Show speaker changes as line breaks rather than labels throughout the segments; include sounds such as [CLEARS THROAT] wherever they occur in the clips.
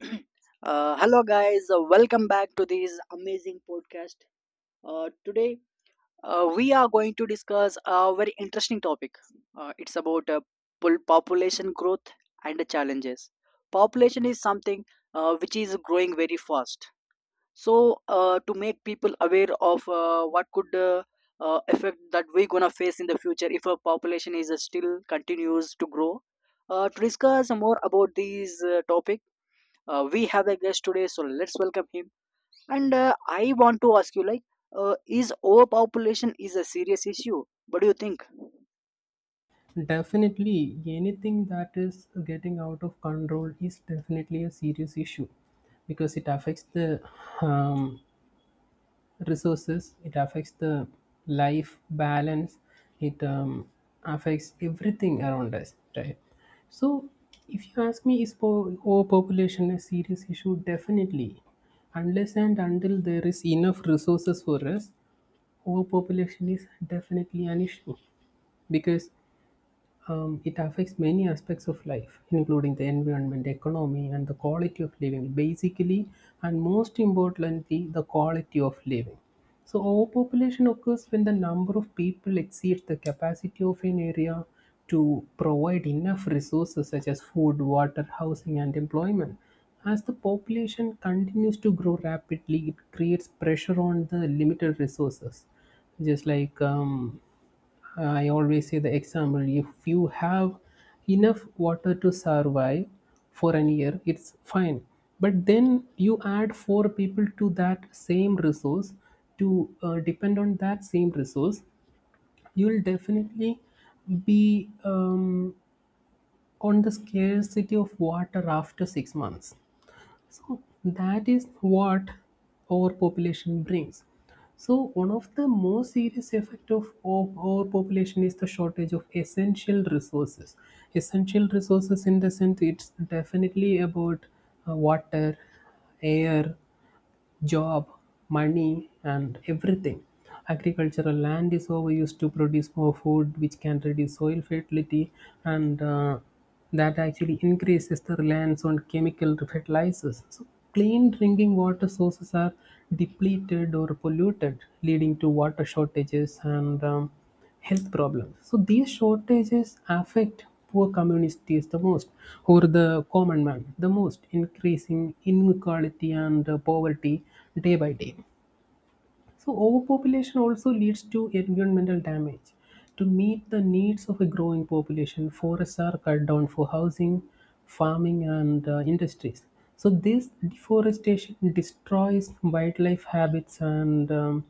[CLEARS THROAT] Hello, guys. Welcome back to this amazing podcast. Today, we are going to discuss a very interesting topic. It's about population growth and the challenges. Population is something which is growing very fast. So, to make people aware of what could effect that we're gonna face in the future if our population is still continues to grow, to discuss more about these topic we have a guest today, so let's welcome him. And I want to ask you, like, is overpopulation is a serious issue? What do you think?
Definitely, anything that is getting out of control is definitely a serious issue because it affects the um, resources, it affects the life balance, it affects everything around us, right? So, if you ask me, overpopulation a serious issue? Definitely. Unless and until there is enough resources for us, overpopulation is definitely an issue because it affects many aspects of life, including the environment, economy, and the quality of living. Basically, and most importantly, the quality of living. So, overpopulation occurs when the number of people exceeds the capacity of an area to provide enough resources such as food, water, housing, and employment. As the population continues to grow rapidly, it creates pressure on the limited resources, just like I always say the example if you have enough water to survive for an year, it's fine. But then you add four people to that same resource to depend on that same resource, you'll definitely be on the scarcity of water after 6 months. So that is what overpopulation brings. So one of the most serious effect of overpopulation is the shortage of essential resources. Essential resources in the sense it's definitely about water, air, job, money, and everything. Agricultural land is overused to produce more food, which can reduce soil fertility, and that actually increases the reliance on chemical fertilizers. So, clean drinking water sources are depleted or polluted, leading to water shortages and health problems. So these shortages affect poor communities the most, or the common man the most, increasing inequality and poverty day by day. So overpopulation also leads to environmental damage. To meet the needs of a growing population, forests are cut down for housing, farming, and industries. So this deforestation destroys wildlife habits and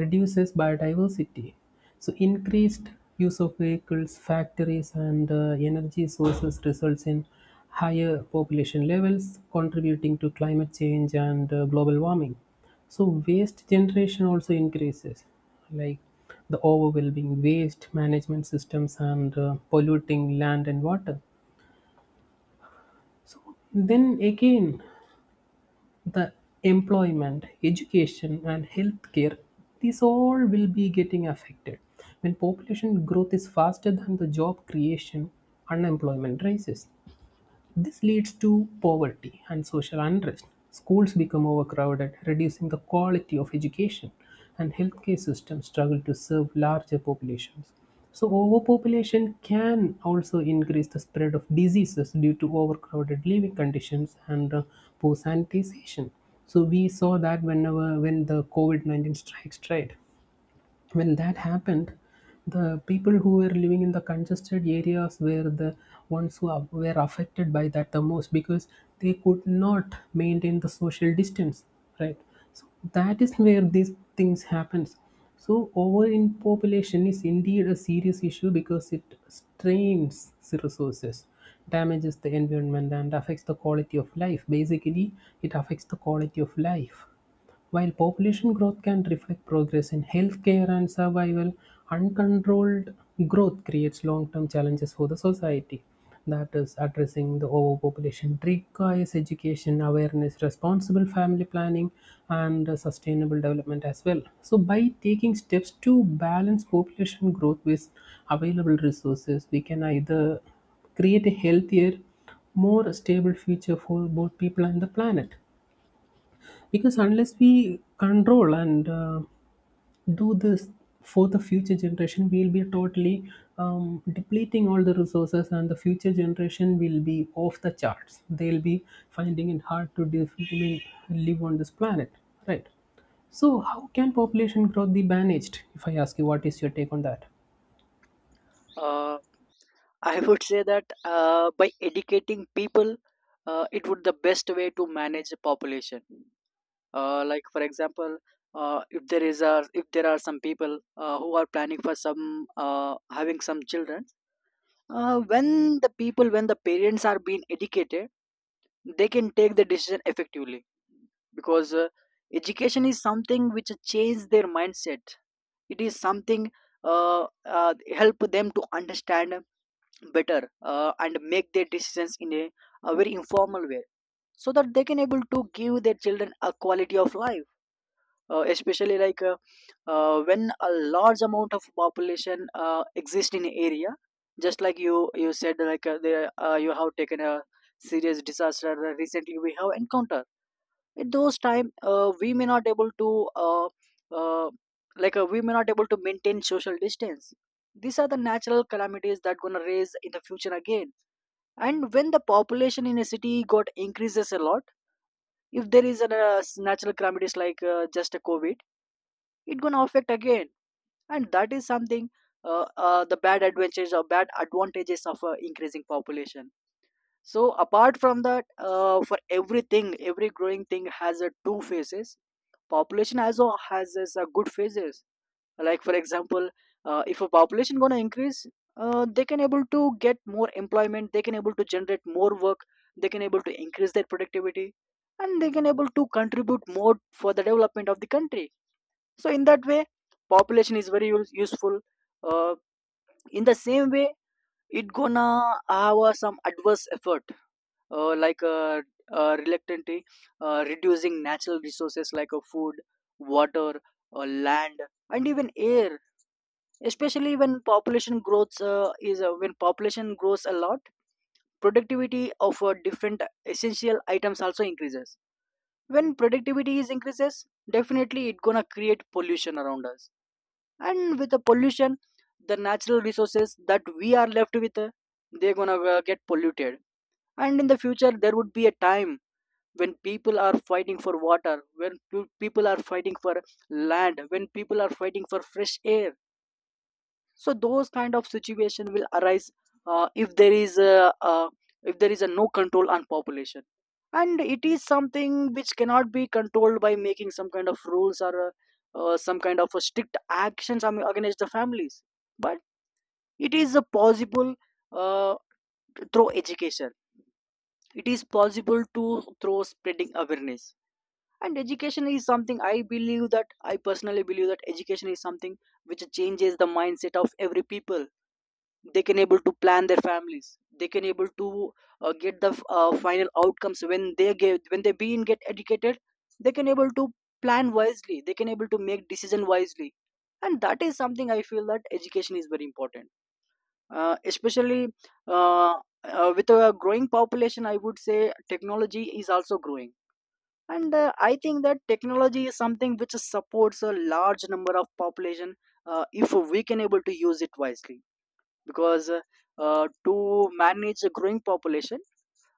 reduces biodiversity. So increased use of vehicles, factories, and energy sources results in higher population levels, contributing to climate change and global warming. So waste generation also increases, like the overwhelming waste management systems and polluting land and water. Then again, the employment, education, and healthcare, these all will be getting affected. When population growth is faster than the job creation, unemployment rises. This leads to poverty and social unrest. Schools become overcrowded, reducing the quality of education, and healthcare systems struggle to serve larger populations. So, overpopulation can also increase the spread of diseases due to overcrowded living conditions and poor sanitization. So, we saw that when the COVID 19 strikes, right? When that happened, the people who were living in the congested areas were the ones who were affected by that the most because they could not maintain the social distance, right? So that is where these things happens. So overpopulation is indeed a serious issue because it strains the resources, damages the environment, and affects the quality of life. Basically, it affects the quality of life. While population growth can reflect progress in healthcare and survival, uncontrolled growth creates long term challenges for the society. That is, addressing the overpopulation requires education, awareness, responsible family planning, and sustainable development as well. So, by taking steps to balance population growth with available resources, we can either create a healthier, more stable future for both people and the planet. Because unless we control and do this for the future generation, we'll be totally depleting all the resources, and the future generation will be off the charts. They'll be finding it hard to live on this planet, right? So, how can population growth be managed? If I ask you, what is your take on that?
uh, [LAUGHS] I would say that by educating people, it would the best way to manage the population. Like, for example, if there is a if there are some people who are planning for some uh, having some children. When the people, when the parents are being educated, they can take the decision effectively, because education is something which changes their mindset. It is something uh, uh, help them to understand better, and make their decisions in a very informal way, so that they can able to give their children a quality of life. Especially like, when a large amount of population exist in area, just like you said, like, there you have taken a serious disaster that recently we have encountered. At those time, we may not able to uh, uh, we may not able to maintain social distance. These are the natural calamities that gonna raise in the future again. And when the population in a city got increases a lot, if there is a natural calamities like, just a COVID, it gonna affect again. And that is something, the bad advantages or bad advantages of increasing population. So apart from that, for everything, every growing thing has two phases. Population also has its good phases. Like, for example, if a population gonna increase, they can able to get more employment, they can able to generate more work, they can able to increase their productivity, and they can able to contribute more for the development of the country. So in that way, population is very useful. uh, in the same way, it gonna have some adverse effort, uh, like uh, reluctantly reducing natural resources like, food, water, land, and even air, especially when population growth is when population grows a lot, productivity of different essential items also increases. When productivity is increases, definitely it gonna create pollution around us. And with the pollution, the natural resources that we are left with, they're gonna get polluted. And in the future, there would be a time when people are fighting for water, when people are fighting for land, when people are fighting for fresh air. So those kind of situation will arise if there is a no control on population. And it is something which cannot be controlled by making some kind of rules or some kind of a strict actions, I mean, against the families. But it is a possible uh, through education. It is possible to, through spreading awareness. And education is something I believe that, I personally believe that education is something which changes the mindset of every people. They can able to plan their families, they can able to get the final outcomes when they being get educated. They can able to plan wisely, they can able to make decision wisely. And that is something I feel that education is very important. Especially uh, with a growing population, I would say technology is also growing. And I think that technology is something which supports a large number of population, if we can able to use it wisely. Because to manage a growing population,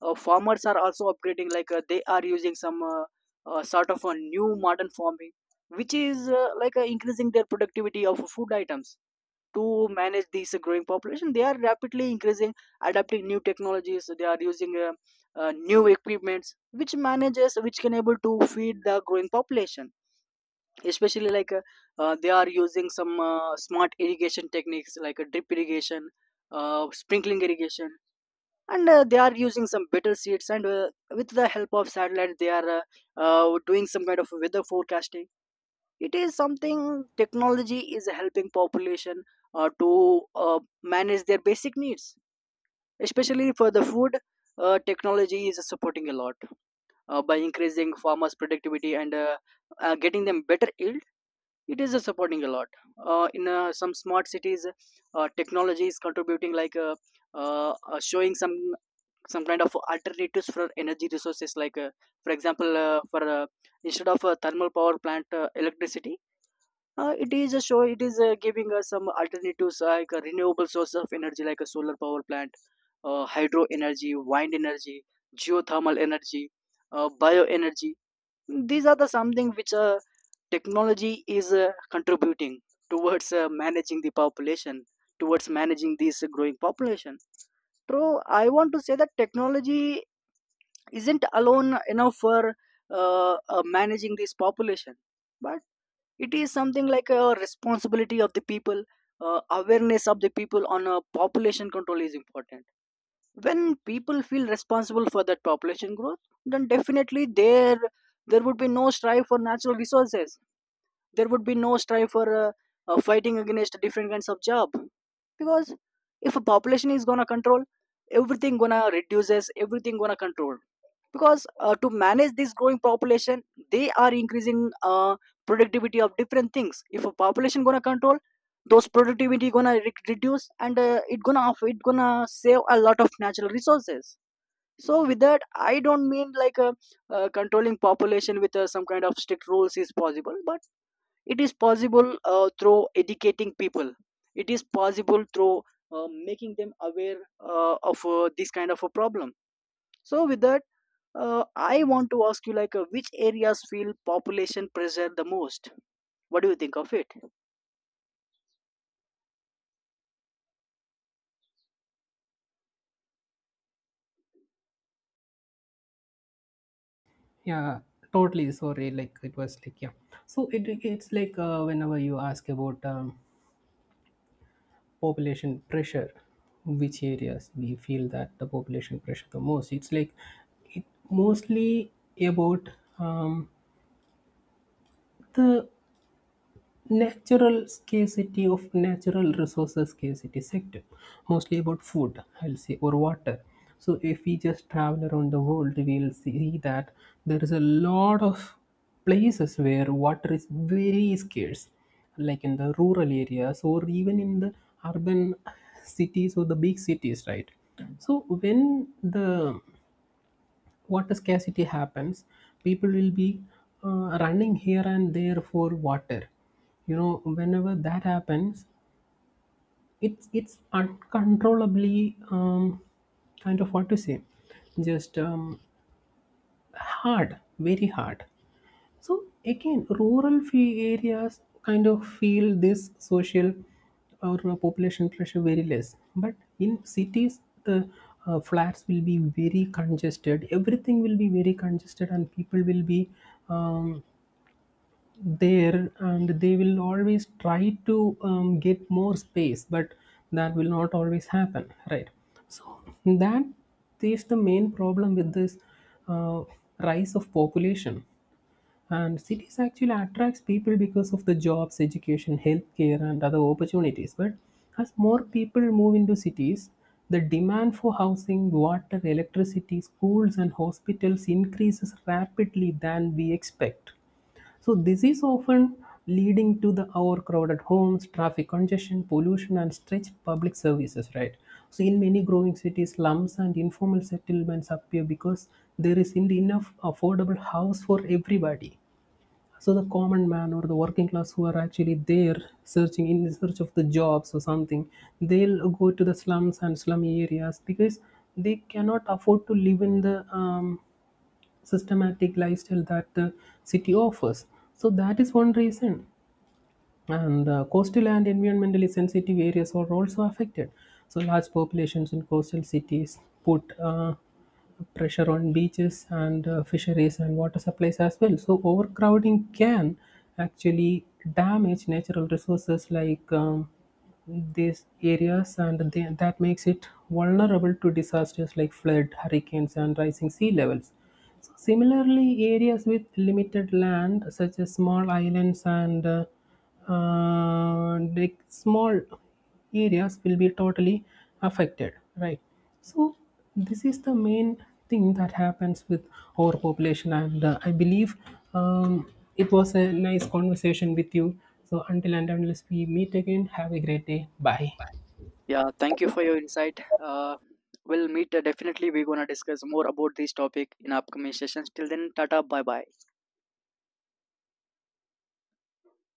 farmers are also upgrading. Like, they are using some sort of a new modern farming, which is, increasing their productivity of food items. To manage this growing population, they are rapidly increasing, adapting new technologies. They are using new equipments which manages, which can able to feed the growing population. Especially like, they are using some smart irrigation techniques like, drip irrigation, sprinkling irrigation. And they are using some better seeds, and with the help of satellite, they are doing some kind of weather forecasting. It is something technology is helping population to manage their basic needs. Especially for the food, technology is supporting a lot, by increasing farmers productivity and getting them better yield. It is supporting a lot. In some smart cities, technology is contributing, like, showing some kind of alternatives for energy resources. Like, for example, for instead of a thermal power plant electricity, it is a show. It is giving us some alternatives like a renewable source of energy, like a solar power plant, hydro energy, wind energy, geothermal energy, bioenergy. These are the something which technology is contributing towards managing this growing population. So I want to say that technology isn't alone enough for managing this population, but it is something like a responsibility of the people. Awareness of the people on population control is important. When people feel responsible for that population growth, then definitely there would be no strive for natural resources. There would be no strive for fighting against different kinds of job. Because if a population is gonna control, everything gonna reduces, everything gonna control. Because to manage this growing population, they are increasing productivity of different things. If a population gonna control, those productivity gonna reduce, and it gonna save a lot of natural resources. So with that, I don't mean like, controlling population with some kind of strict rules is possible, but it is possible through educating people. It is possible through making them aware of this kind of a problem. So with that, I want to ask you, like, which areas feel population pressure the most? What do you think of it?
Yeah, totally. Sorry, like it was like yeah. So it's like whenever you ask about population pressure, which areas we feel that the population pressure the most, it's like it mostly about um, the natural scarcity of natural resources scarcity sector, mostly about food, I'll say, or water. So if we just travel around the world, we'll see that there is a lot of places where water is very scarce, like in the rural areas or even in the urban cities or the big cities, right? So when the water scarcity happens, people will be running here and there for water, you know whenever that happens. It's uncontrollably, kind of what to say, just hard, very hard. So again, rural fee areas kind of feel this social or population pressure very less. But in cities, the flats will be very congested. Everything will be very congested, and people will be um, there, and they will always try to get more space. But that will not always happen, right? So that is the main problem with this uh, rise of population. And cities actually attracts people because of the jobs, education, healthcare, and other opportunities. But as more people move into cities, the demand for housing, water, electricity, schools, and hospitals increases rapidly than we expect. So this is often leading to the overcrowded homes, traffic congestion, pollution, and stretched public services. Right. So in many growing cities, slums and informal settlements appear because there isn't enough affordable house for everybody. So the common man or the working class who are actually there searching in search of the jobs or something, they'll go to the slums and slummy areas because they cannot afford to live in the systematic lifestyle that the city offers. So that is one reason. And coastal and environmentally sensitive areas are also affected. So large populations in coastal cities put pressure on beaches and fisheries and water supplies as well. So overcrowding can actually damage natural resources like these areas, and that makes it vulnerable to disasters like flood, hurricanes, and rising sea levels. So similarly, areas with limited land, such as small islands and like small areas, will be totally affected, right? So, this is the main thing that happens with overpopulation, and I believe um, it was a nice conversation with you. So, until and unless we meet again, have a great day. Bye.
Yeah, thank you for your insight. We'll meet, definitely. We're gonna discuss more about this topic in upcoming sessions. Till then, tata, bye bye.